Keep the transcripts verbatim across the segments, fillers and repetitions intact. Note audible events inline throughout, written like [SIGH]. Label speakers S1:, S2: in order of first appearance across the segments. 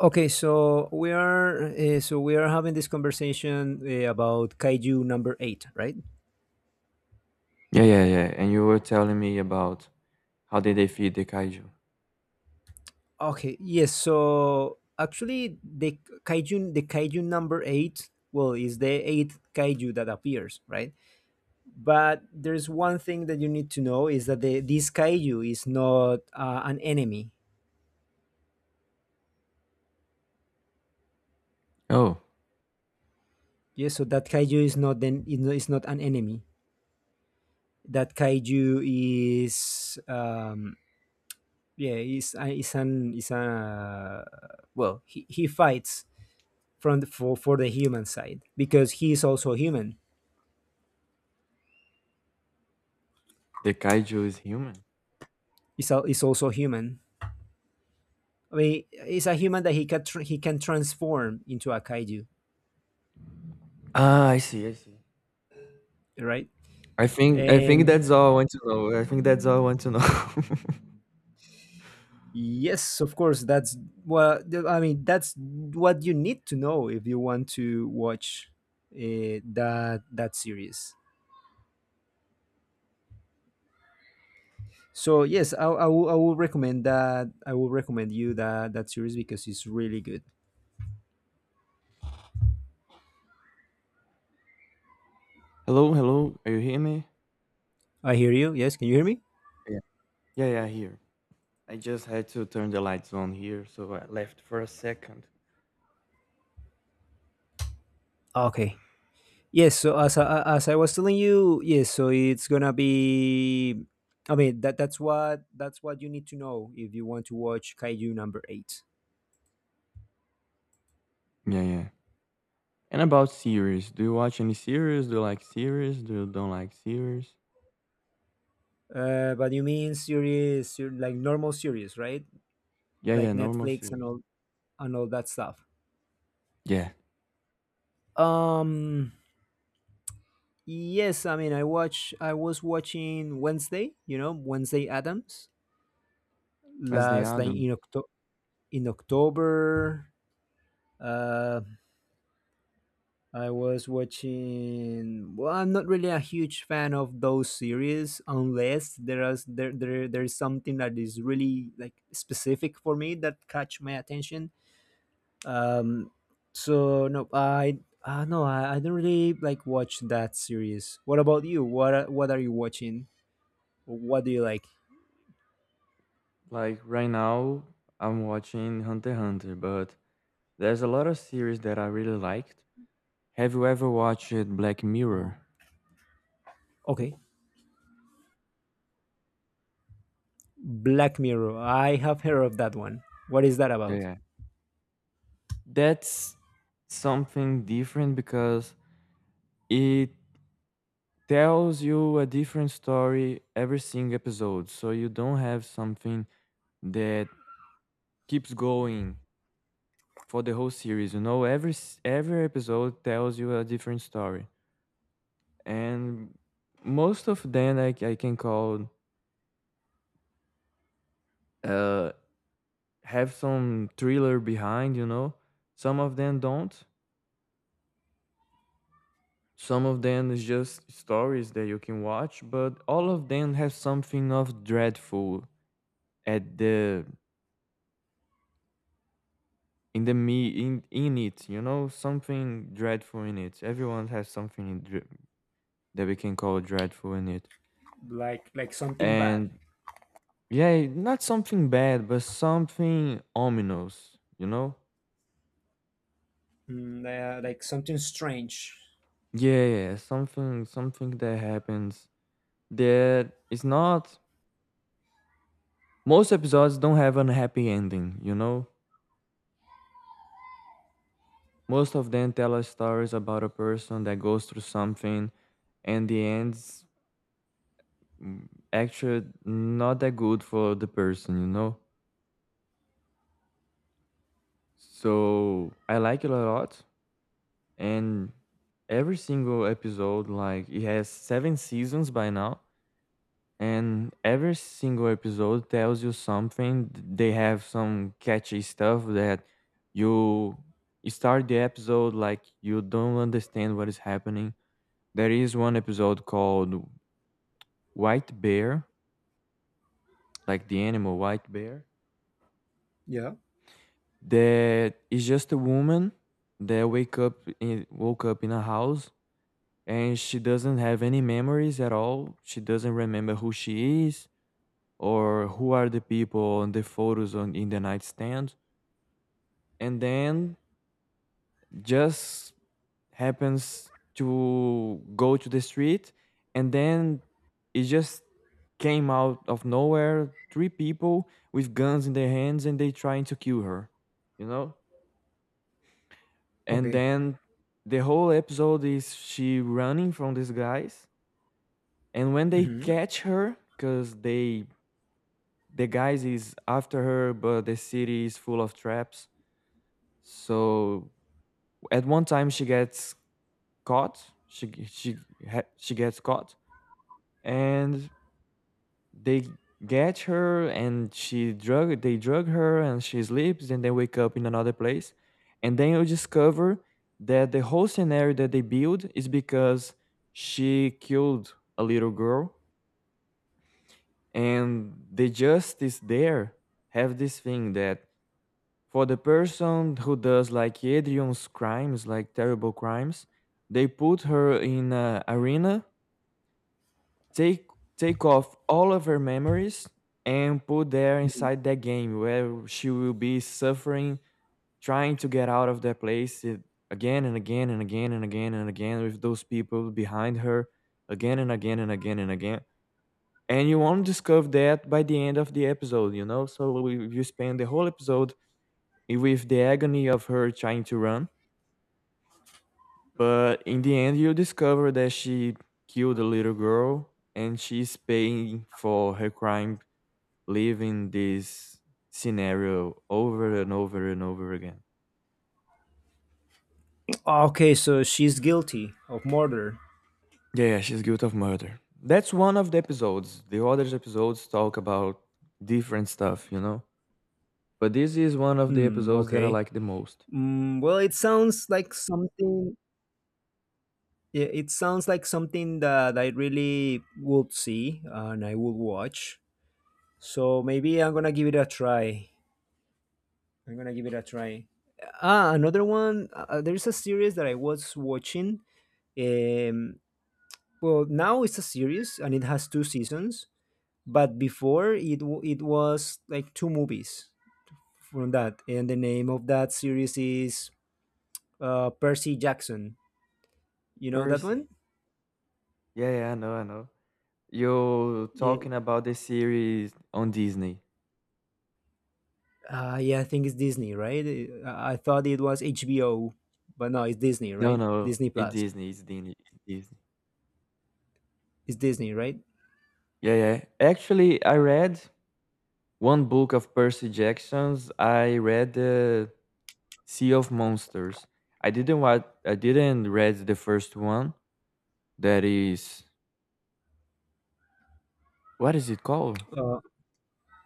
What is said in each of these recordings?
S1: Okay, so we are uh, so we are having this conversation uh, about kaiju number eight, right?
S2: Yeah, yeah, yeah. And you were telling me about how did they feed the kaiju?
S1: Okay, yes. So actually, the kaiju the kaiju number eight, well, is the eighth kaiju that appears, right? But there's one thing that you need to know is that the, this kaiju is not uh, an enemy.
S2: Oh,
S1: Yes, so that kaiju is not then is not is not an enemy. That kaiju is um, Yeah, he's uh, he's an he's a well he, he fights from the, for for the human side because he is also human.
S2: the kaiju is human.
S1: He's al he's also human. I mean, he's a human that he can tr- he can transform into a kaiju,
S2: Ah, I see, I see.
S1: right?
S2: I think I think
S1: And
S2: that's all I want to know. I think that's all I want to know. [LAUGHS]
S1: yes, of course, that's well. I mean, that's what you need to know if you want to watch uh, that that series. So yes, I, I, will, I will recommend that. I will recommend you that that series because it's really good.
S2: Hello, hello. Are you hearing me?
S1: I hear you. Yes, can you hear me?
S2: Yeah. Yeah, yeah, here. I just had to turn the lights on here, so I left for a second.
S1: Okay. Yes. So as I, as I was telling you, yes. So it's gonna be. I mean that that's what that's what you need to know if you want to watch Kaiju number eight.
S2: Yeah, yeah. And about series, do you watch any series? Do you like series? Do you don't like series?
S1: Uh, but you mean series, ser- like normal series, right?
S2: Yeah, yeah,
S1: Like
S2: normal
S1: Netflix and
S2: series.
S1: all and all that stuff.
S2: Yeah.
S1: Um. Yes. I mean, I watch. I was watching Wednesday. You know, Wednesday Adams
S2: Wednesday
S1: last, like
S2: Adams.
S1: in Octo in October. Uh, I was watching. Well, I'm not really a huge fan of those series unless there is there, there there's something that is really like specific for me that catch my attention. Um, so no, I uh, no, I, I don't really like watch that series. What about you? What are- what are you watching? What do you like?
S2: Like right now, I'm watching Hunter x Hunter, but there's a lot of series that I really liked. Have you ever watched Black
S1: Uh-huh.
S2: Mirror?
S1: Okay, Black Mirror. I have heard of that one. What is that
S2: Yeah,
S1: about?
S2: yeah. That's something different because it tells you a different story every single episode. So you don't have something that keeps going for the whole series. You know, every s- every episode tells you a different story. And most of them I, I can call uh, have some thriller behind, you know. Some of them don't. Some of them is just stories that you can watch, but all of them have something of dreadful at the in the me in in it, you know, something dreadful in it. Everyone has something in dre- that we can call dreadful in it.
S1: Like like something bad.
S2: And yeah, not something bad, but something ominous, you know?
S1: Mm, uh, like something strange.
S2: Yeah, yeah, yeah, something something that happens that is not. Most episodes don't have a happy ending, you know? Most of them tell us stories about a person that goes through something and the end's, mm, actually not that good for the person, you know? So I like it a lot. And every single episode, like, it has seven seasons by now. And every single episode tells you something. They have some catchy stuff that you start the episode like you don't understand what is happening. There is one episode called White Bear, like the animal white bear,
S1: Yeah.
S2: that is just a woman that wake up in, woke up in a house, and she doesn't have any memories at all. She doesn't remember who she is or who are the people on the photos on in the nightstand, and then just happens to go to the street, and then it just came out of nowhere three people with guns in their hands and they trying to kill her, you know, and
S1: Okay.
S2: then the whole episode is she running from these guys. And when they
S1: hmm
S2: catch her because they, the guys is after her, but the city is full of traps, so at one time she gets caught. She she ha- she gets caught, and they get her, and she drug they drug her, and she sleeps, and they wake up in another place, and then you discover that the whole scenario that they build is because she killed a little girl, and the justice there have this thing that for the person who does like Adrian's crimes, like terrible crimes, they put her in a arena, take take off all of her memories and put there inside that game where she will be suffering trying to get out of that place it- again and again and again and again and again, with those people behind her, again and again and again and again. And you won't discover that by the end of the episode, you know, so we- you spend the whole episode, i- with the agony of her trying to run, but in the end you discover that she killed a little girl and she's paying for her crime, living this scenario over and over and over again.
S1: Okay, so she's guilty of murder.
S2: Yeah, yeah, she's guilty of murder. That's one of the episodes. The other episodes talk about different stuff, you know? But this is one of the
S1: Mm,
S2: episodes that I
S1: okay.
S2: like the most.
S1: Mm, well, it sounds like something. Yeah, it sounds like something that I really would see and I would watch. So maybe I'm gonna give it a try. I'm gonna give it a try. Ah, another one. Uh, there's a series that I was watching. Um, well, now it's a series and it has two seasons, but before it w- it was like two movies from that. And the name of that series is uh, Percy Jackson. You know that one?
S2: Percy. Yeah, yeah, I know, I know. You're
S1: Yeah,
S2: talking about the series on Disney.
S1: uh, yeah, I think it's Disney, right? Uh, I thought it was H B O, but no, it's Disney,
S2: No,
S1: right?
S2: no,
S1: Disney
S2: it's
S1: Plus.
S2: Disney, it's Disney, it's Disney.
S1: It's Disney, right?
S2: Yeah, yeah. Actually, I read one book of Percy Jackson's. I read the Sea of Monsters. I didn't watch. I didn't read the first one. That is, what is it called?
S1: Uh,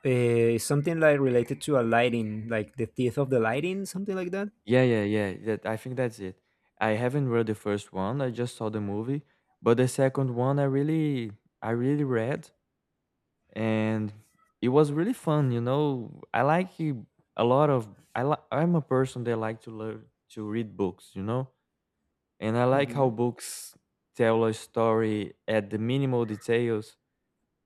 S1: eh, Something like related to a lighting, like the teeth of the lighting, something like that.
S2: Yeah, yeah, yeah. That, I think that's it. I haven't read the first one. I just saw the movie, but the second one I really, I really read, and it was really fun. You know, I like you- a lot of. I li- I'm a person that like to learn to read books. You know, and I like how
S1: Hmm
S2: books tell a story at the minimal details,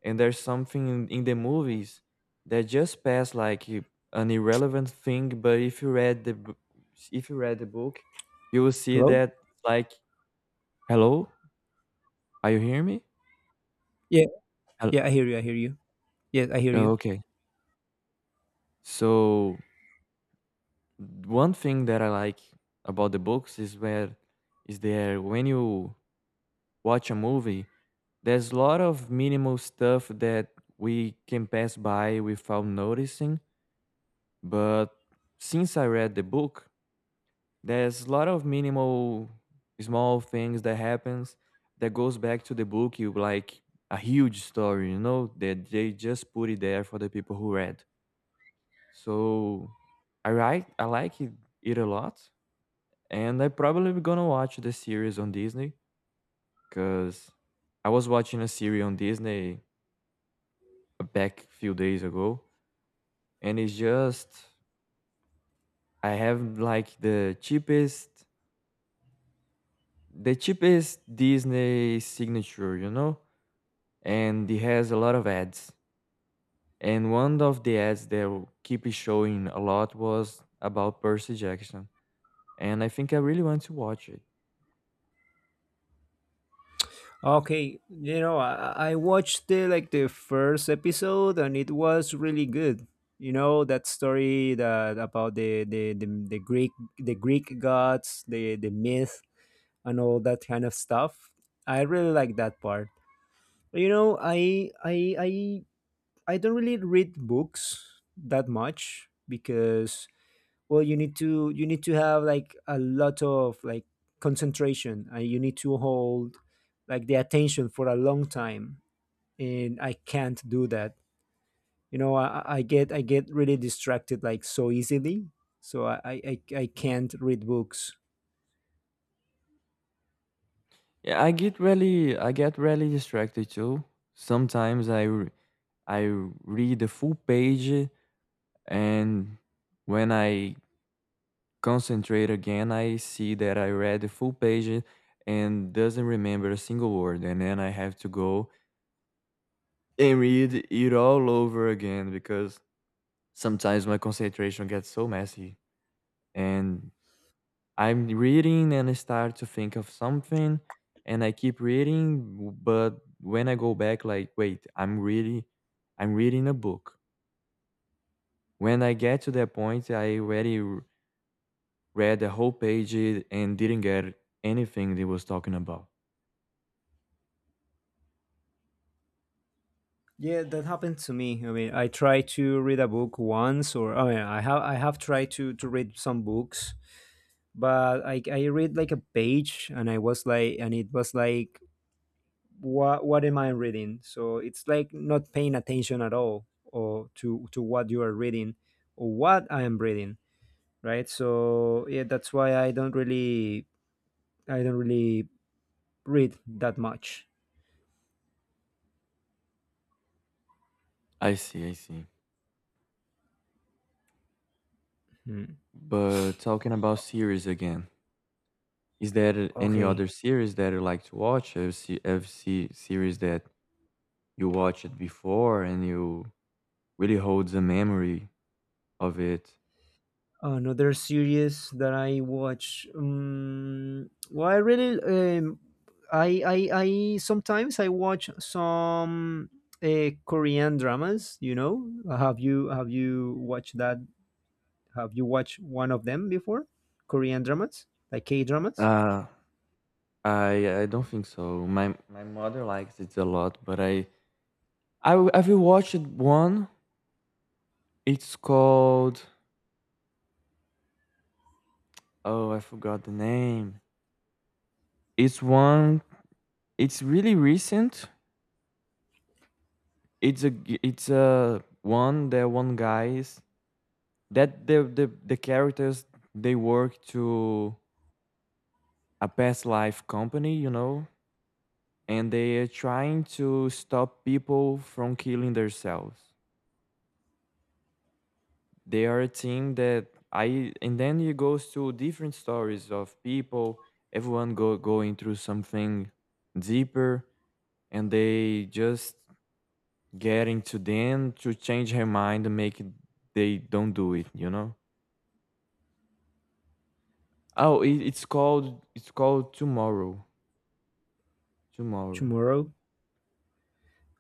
S2: and there's something in, in the movies that just pass like i- an irrelevant thing. But if you read the b- if you read the book, you will see
S1: Hello?
S2: that, like, hello, are you hearing me?
S1: Yeah,
S2: Hello,
S1: yeah, I hear you. I hear you. Yes, I hear
S2: oh,
S1: you.
S2: okay. So one thing that I like about the books is where is there when you watch a movie, there's a lot of minimal stuff that we can pass by without noticing, but since I read the book, there's a lot of minimal small things that happens that goes back to the book, you like a huge story, you know, that they just put it there for the people who read. So i write I like it, it a lot, and I probably be gonna watch the series on Disney, because I was watching a series on Disney back few days ago, and it's just, I have like the cheapest the cheapest Disney signature, you know, and it has a lot of ads. And one of the ads that will keep showing a lot was about Percy Jackson, and I think I really want to watch it.
S1: Okay, you know, I, I watched the, like, the first episode and it was really good. You know that story that about the the, the, the Greek, the Greek gods, the the myth and all that kind of stuff. I really like that part. You know, I I I I don't really read books that much because, well, you need to you need to have like a lot of like concentration, and you need to hold like the attention for a long time, and I can't do that. You know, I, I I get I get really distracted, like, so easily. So I, I i I can't read books.
S2: Yeah, I get really, I get really distracted too. Sometimes I, r- I read the full page, and when I concentrate again, I see that I read the full page and doesn't remember a single word, and then I have to go and read it all over again because sometimes my concentration gets so messy, and I'm reading and I start to think of something and I keep reading, but when I go back, like, wait, I'm really, I'm reading a book. When I get to that point, I already r- read the whole page and didn't get anything they was talking about.
S1: Yeah, that happened to me. I mean, I tried to read a book once, or I mean, i have I have tried to to read some books, but I I read like a page and I was like and it was like, what what am I reading? So it's like not paying attention at all or to to what you are reading, or what I am reading, right? So yeah, that's why I don't really I don't really read that much.
S2: I see, I see.
S1: Hmm.
S2: But talking about series again, is there any
S1: Okay.
S2: other series that you like to watch? A se- a se- series that you watch it before and you really holds a memory of it.
S1: Another series that I watch. Um, well, I really um, I, I I sometimes I watch some uh, Korean dramas. You know, have you have you watched that? Have you watched one of them before? Korean dramas, like K dramas?
S2: Uh, I I don't think so. My my mother likes it a lot, but I I w- have you watched one? It's called, oh, I forgot the name. It's one. It's really recent. It's a g- it's a one that one guy is that the the the characters they work to a past life company, you know, and they are trying to stop people from killing themselves. They are a team that I, and then it goes to different stories of people, everyone go going through something deeper, and they just getting to them to change her mind and make it, they don't do it, you know. Oh, it, it's called, it's called tomorrow, tomorrow
S1: Tomorrow.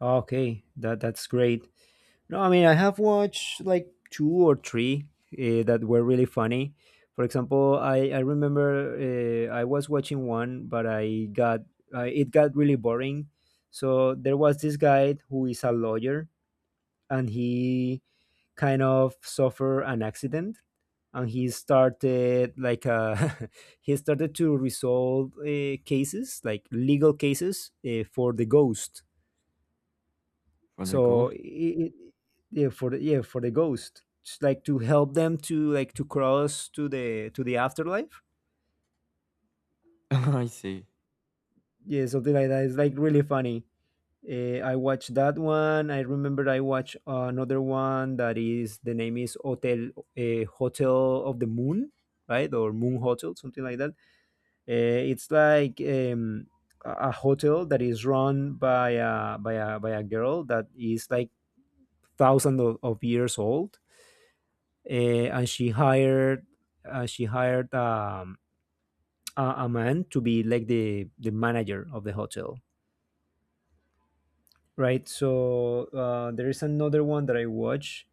S1: Okay, that that's great. No, I mean, I have watched like two or three uh, that were really funny. For example, I I remember uh, I was watching one, but I got, uh, it got really boring. So there was this guy who is a lawyer, and he kind of suffered an accident, and he started like, uh, [LAUGHS] he started to resolve uh, cases, like legal cases, uh, for the ghost.
S2: for the
S1: so
S2: ghost.
S1: it, yeah, for the yeah for the ghost. It's like to help them to, like, to cross to the to the afterlife.
S2: [LAUGHS] I see.
S1: Yeah, something like that. It's like really funny. Uh, I watched that one. I remember I watched another one that is the name is Hotel uh, Hotel of the Moon, right? Or Moon Hotel, something like that. Uh, it's like um, a a hotel that is run by a by a by a girl that is like thousands of, of years old, uh, and she hired uh, she hired um, a, a man to be like the the manager of the hotel, right? So uh, there is another one that I watch.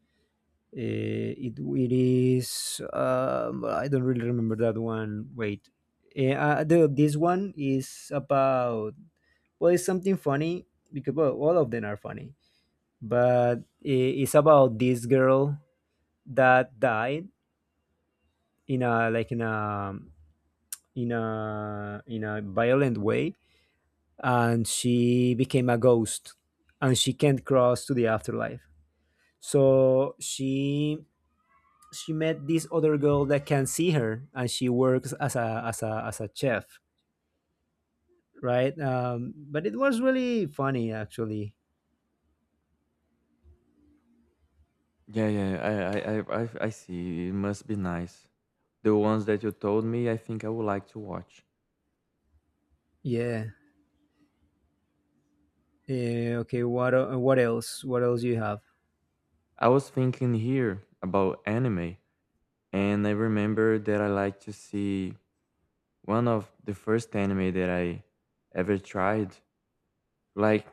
S1: Uh, it it is um, Well, I don't really remember that one. Wait, Eh, uh, the, this one is about, well, it's something funny because, well, all of them are funny, but i- it's about this girl that died in a, like in a in a in a violent way, and she became a ghost, and she can't cross to the afterlife. So she she met this other girl that can see her, and she works as a as a as a chef, right? Um, but it was really funny actually.
S2: Yeah, yeah, I, I, I, I I see. It must be nice. The ones that you told me, I think I would like to watch.
S1: Yeah, yeah, okay. What el- what else, what else you have?
S2: I was thinking here about anime, and I remember that I like to see one of the first anime that I ever tried. Like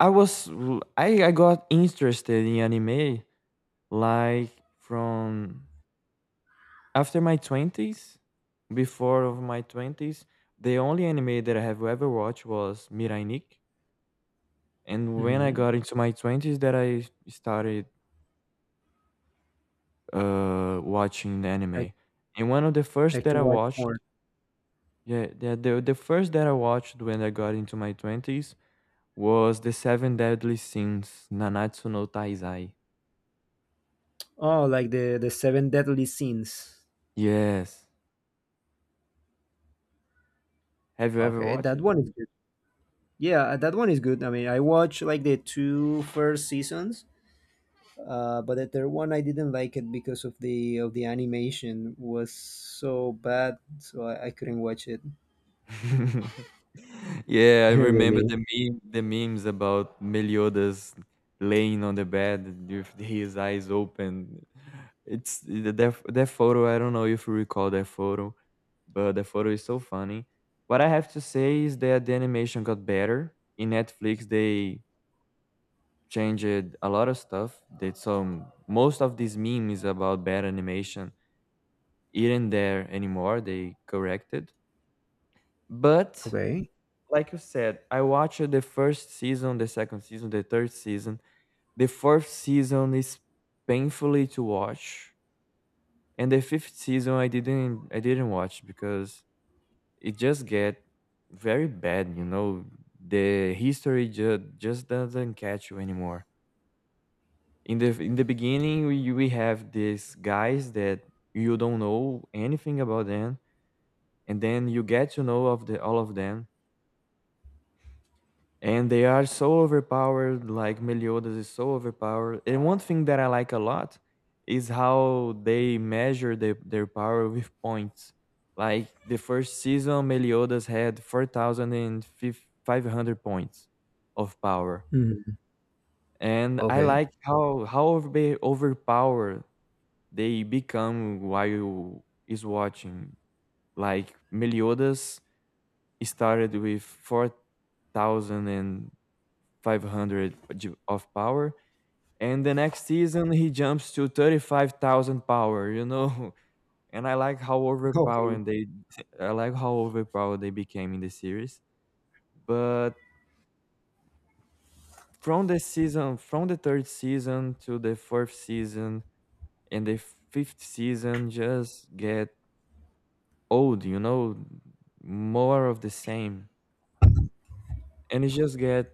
S2: I was, l- I, I got interested in anime, like, from after my twenties, before of my twenties. The only anime that I have ever watched was Mirai. And when I
S1: Mm-hmm.
S2: got into my twenties, that I started, uh, watching the
S1: like
S2: anime. And one of the first
S1: like to
S2: that I
S1: watch
S2: watched,
S1: more.
S2: yeah, the the the first that I watched when I got into my twenties was The Seven Deadly Sins, Nanatsu no Taizai.
S1: Oh, like the the Seven Deadly Sins.
S2: Yes. Have you ever
S1: Okay,
S2: watched
S1: that
S2: it?
S1: one is good. Yeah, that one is good. I mean, I watched like the two first seasons. Uh, but at their one, I didn't like it because of the, of the animation was so bad, so I, I couldn't watch it.
S2: [LAUGHS] Yeah, I
S1: [LAUGHS]
S2: remember
S1: Really?
S2: the meme, the memes about Meliodas laying on the bed with his eyes open. It's that, that photo. I don't know if you recall that photo, but the photo is so funny. What I have to say is that the animation got better in Netflix. They changed a lot of stuff. They, some, most of these memes about bad animation isn't there anymore. They corrected, but
S1: Okay.
S2: like you said, I watched the first season, the second season, the third season. The fourth season is painfully to watch, and the fifth season I didn't I didn't watch because it just get very bad. You know, the history ju- just doesn't catch you anymore. In the in the beginning, we we have these guys that you don't know anything about them, and then you get to know of the all of them. And they are so overpowered, like Meliodas is so overpowered. And one thing that I like a lot is how they measure their, their power with points. Like the first season, Meliodas had four thousand five hundred points of power.
S1: Mhm.
S2: And I
S1: Okay.
S2: like how how overbe- overpowered they become while is watching. Like Meliodas started with four thousand five hundred g- of power, and the next season he jumps to thirty-five thousand power, you know. [LAUGHS] And I like how
S1: Okay.
S2: overpowering they I like how overpowered they became in the series. But from the season from the third season to the fourth season and the fifth season just get old, you know, more of the same. And it just get,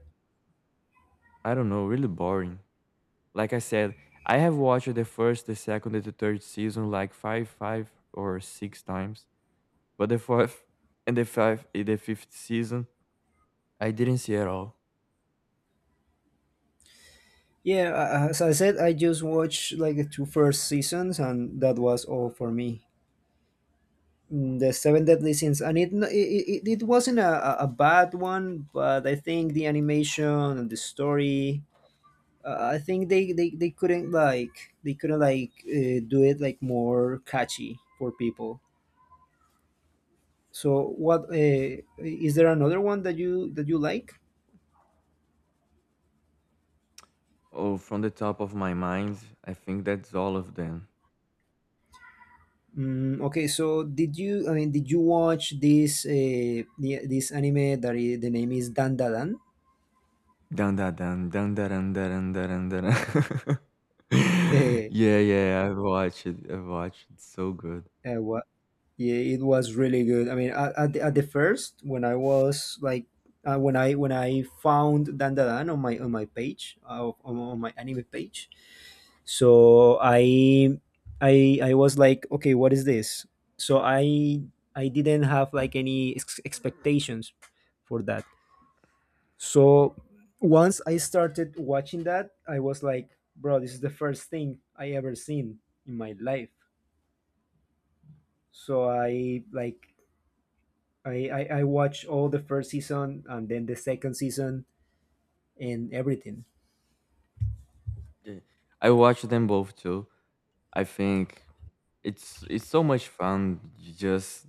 S2: I don't know, really boring. Like I said, I have watched the first, the second, and the third season like five, five or six times. But the fourth [LAUGHS] and the five, and the fifth season, I didn't see at all.
S1: Yeah, a- as I said, I just watched like the two first seasons, and that was all for me. Mm, The Seven Deadly Sins, and it it, it, it wasn't a, a a bad one, but I think the animation and the story, uh, I think they, they, they couldn't like they couldn't like, uh, do it like more catchy for people. So what, uh, is there another one that you that you like?
S2: Oh, from the top of my mind, I think that's all of them.
S1: Mm, okay, so did you, I mean, did you watch this, uh, the, this anime that, i- the name is Dan Da
S2: Dun dun dun dun dun dun dun dun dun, dun. [LAUGHS]
S1: Dan? [LAUGHS]
S2: Yeah, yeah, I've watched it. I've watched it. So good.
S1: Uh, uh, Yeah, it was really good. I mean, at, at, the, at the first, when I was like, uh, when I when I found Dan Da Dan on my, on my page, uh, on, on my anime page, so I I I was like, okay, what is this? So I I didn't have like any ex- expectations for that. So once I started watching that, I was like, bro, this is the first thing I ever seen in my life. So I like, I, I I watched all the first season and then the second season and everything.
S2: Yeah. I watched them both too. I think it's it's so much fun just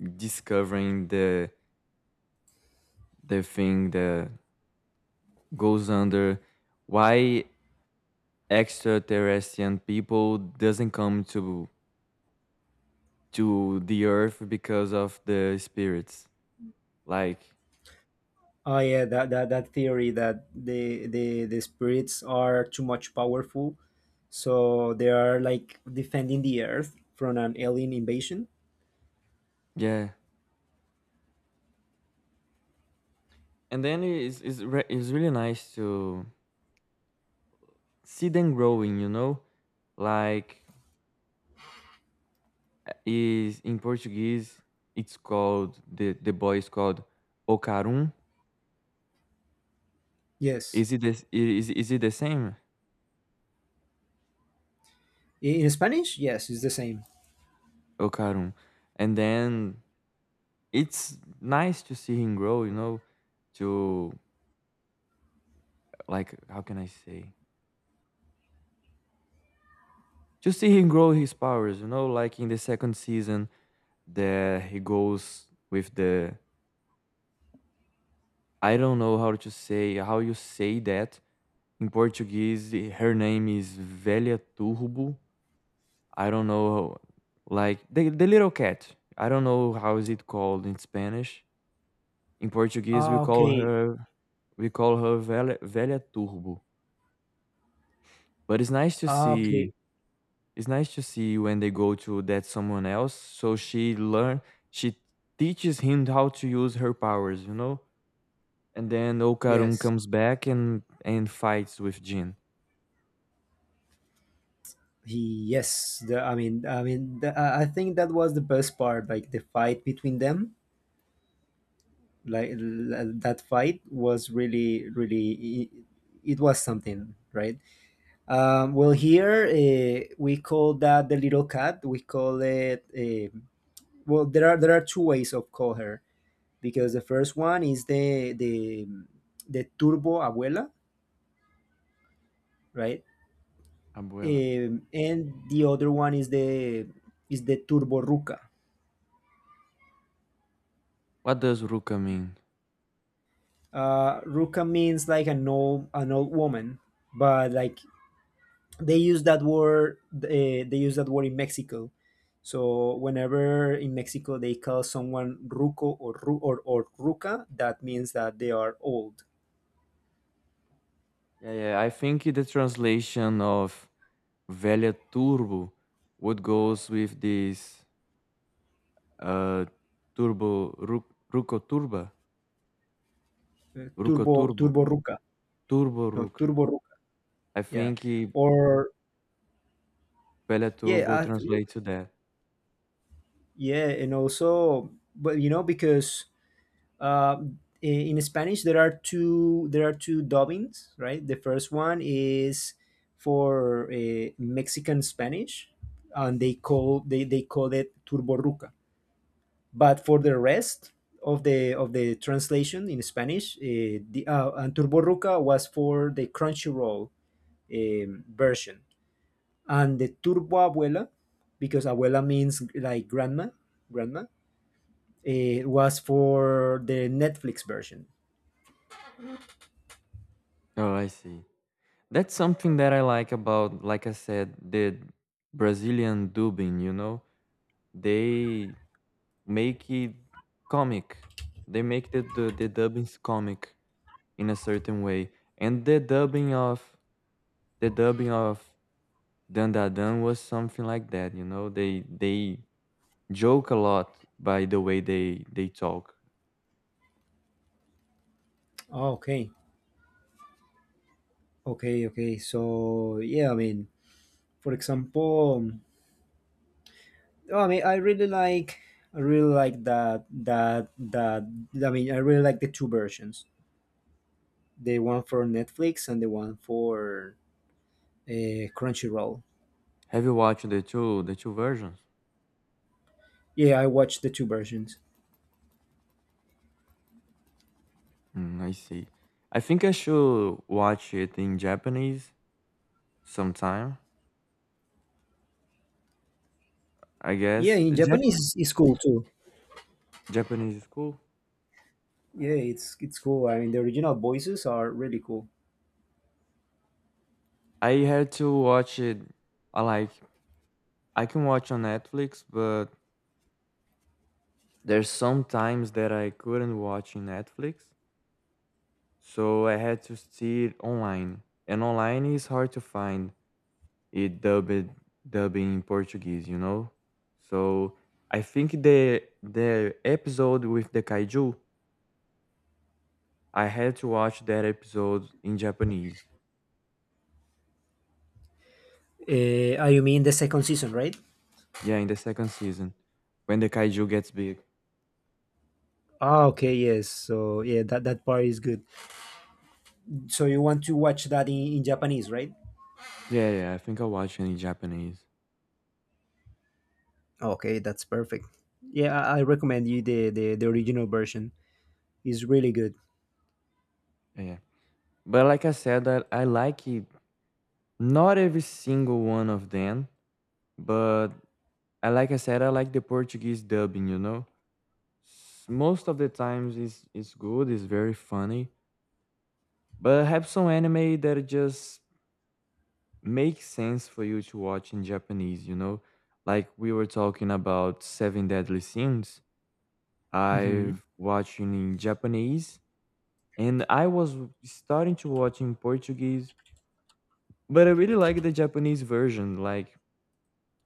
S2: discovering the the thing that goes under why extraterrestrial people doesn't come to to the earth because of the spirits, like,
S1: Oh yeah, that, that, that theory that the, the the spirits are too much powerful, so they are like defending the earth from an alien invasion.
S2: yeah. And then it's it's, re- it's really nice to see them growing, you know, like, uh, is in portuguese it's called the the boy is called ocarum.
S1: Yes,
S2: Is it this, is, is it the same?
S1: in, in Spanish, yes, it's the same.
S2: Ocarum. And then it's nice to see him grow, you know, to, like, how can I say? To see him grow his powers, you know, like in the second season there he goes with the, I don't know how to say how you say that in Portuguese. eh, Her name is Velha Turbo. I don't know, like the the little cat. I don't know how is it called in Spanish. In Portuguese, we
S1: Ah,
S2: call
S1: okay.
S2: her we call her Velha, Velha Turbo. But it's nice to
S1: Ah,
S2: see
S1: okay,
S2: It's nice to see when they go to that someone else. So she learn she teaches him how to use her powers, you know? And then Okarun
S1: yes,
S2: comes back and and fights with Jin.
S1: he yes. The, I mean, I mean, the, I I think that was the best part, like the fight between them. Like, l- that fight was really, really, it, it was something, right? Um, well, here, uh, we call that, the little cat, we call it, eh, well, there are, there are two ways of call her, because the first one is the the the turbo abuela, right?
S2: Abuela.
S1: Um, and the other one is the, is the turbo ruca.
S2: What does Ruka mean?
S1: Uh, ruca means like an old, an old woman, but like, they use that word, eh, they use that word in Mexico. So whenever in Mexico they call someone ruco, or ru- or, or ruca, that means that they are old.
S2: Yeah, yeah. I think the translation of Velha Turbo would goes with this, uh Turbo Ru-, Ruko Turba.
S1: Uh,
S2: Ruko
S1: turbo
S2: Turbo.
S1: turbo ruca.
S2: Turbo
S1: No,
S2: Ruka.
S1: turbo ruca.
S2: I
S1: Yeah,
S2: think, eh,
S1: or
S2: Velha
S1: yeah,
S2: Turbo
S1: I th-
S2: translates to that.
S1: yeah. And also, but you know, because, um, in Spanish there are two, there are two dubbings, right? The first one is for uh, Mexican Spanish, and they call they, they call it Turbo Ruca. But for the rest of the, of the translation in Spanish, uh, the uh, and Turbo Ruca was for the Crunchyroll um, version, and the Turbo Abuela, because abuela means like grandma, grandma, it was for the Netflix version.
S2: Oh, I see. That's something that I like about, like I said, the Brazilian dubbing, you know? They make it comic. They make the, the, the dubbings comic in a certain way. And the dubbing of the dubbing of Dandadan was something like that, you know? They they joke a lot by the way they they talk.
S1: Okay. Okay, okay. So yeah, I mean, for example, oh, I mean, I really like, I really like that that that. I mean, I really like the two versions, the one for Netflix and the one for uh, Crunchyroll.
S2: Have you watched the two the two versions?
S1: Yeah, I watched the two versions.
S2: Mm, I see. I think I should watch it in Japanese sometime, I
S1: Yeah,
S2: guess.
S1: in
S2: Jap-
S1: Japanese, it's cool too.
S2: Japanese is cool.
S1: Yeah, it's it's cool. I mean, the original voices are really cool.
S2: I had to watch it. I like I can watch on Netflix, but there's some times that I couldn't watch in Netflix, so I had to see it online. And online is hard to find it dubbed dubbing in Portuguese, you know. So I think the the episode with the kaiju, I had to watch that episode in Japanese.
S1: Uh, oh, you mean the second season, right?
S2: Yeah, in the second season, when the kaiju gets big.
S1: Ah, okay, yes. So yeah, that that part is good. So you want to watch that in, in Japanese, right?
S2: Yeah, yeah. I think I'll watch it in Japanese.
S1: Okay, that's perfect. Yeah, I I recommend you the, the, the original version. It's really good.
S2: Yeah, yeah. But like I said, I, I like it. Not every single one of them, but I like I said, I like the Portuguese dubbing. You know, S- most of the times it's it's good. It's very funny. But I have some anime that just makes sense for you to watch in Japanese. You know, like we were talking about Seven Deadly Sins.
S1: Hmm
S2: I've watching in Japanese, and I was starting to watch in Portuguese. But I really like the Japanese version, like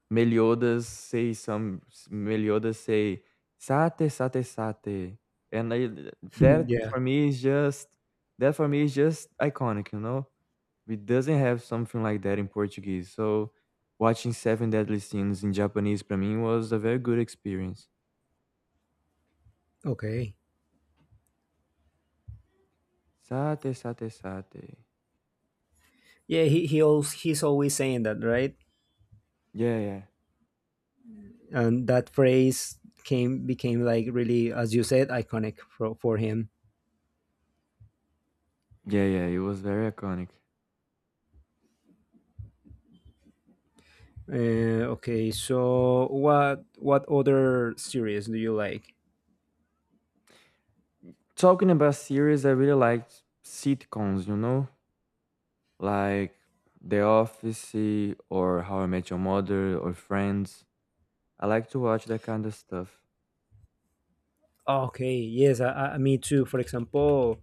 S2: Meliodas say some s- Meliodas say "sate sate sate," and I
S1: [LAUGHS]
S2: that
S1: Yeah.
S2: for me is just that for me is just iconic, you know. We doesn't have something like that in Portuguese, so watching Seven Deadly Sins in Japanese para mim was a very good experience.
S1: Okay.
S2: Sate sate sate.
S1: Yeah, he he always, he's always saying that, right?
S2: Yeah, yeah,
S1: And that phrase came, became like really, as you said, iconic for for him.
S2: yeah, yeah. It was very iconic.
S1: Uh, okay, so what what other series do you like?
S2: Talking about series, I really liked sitcoms, you know. Like The Office or How I Met Your Mother or Friends. I like to watch that kind of stuff.
S1: Okay, yes, I, I, me too. For example,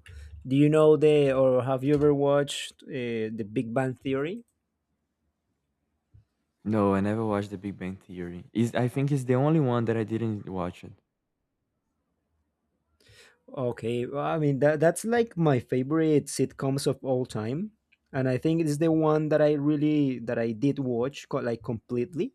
S1: do you know the, or have you ever watched uh, the Big Bang Theory?
S2: No, I never watched The Big Bang Theory. Is I think it's the only one that I didn't watch it.
S1: Okay, well, I mean that that's like my favorite sitcoms of all time, and I think it's the one that I really that I did watch, co- like completely.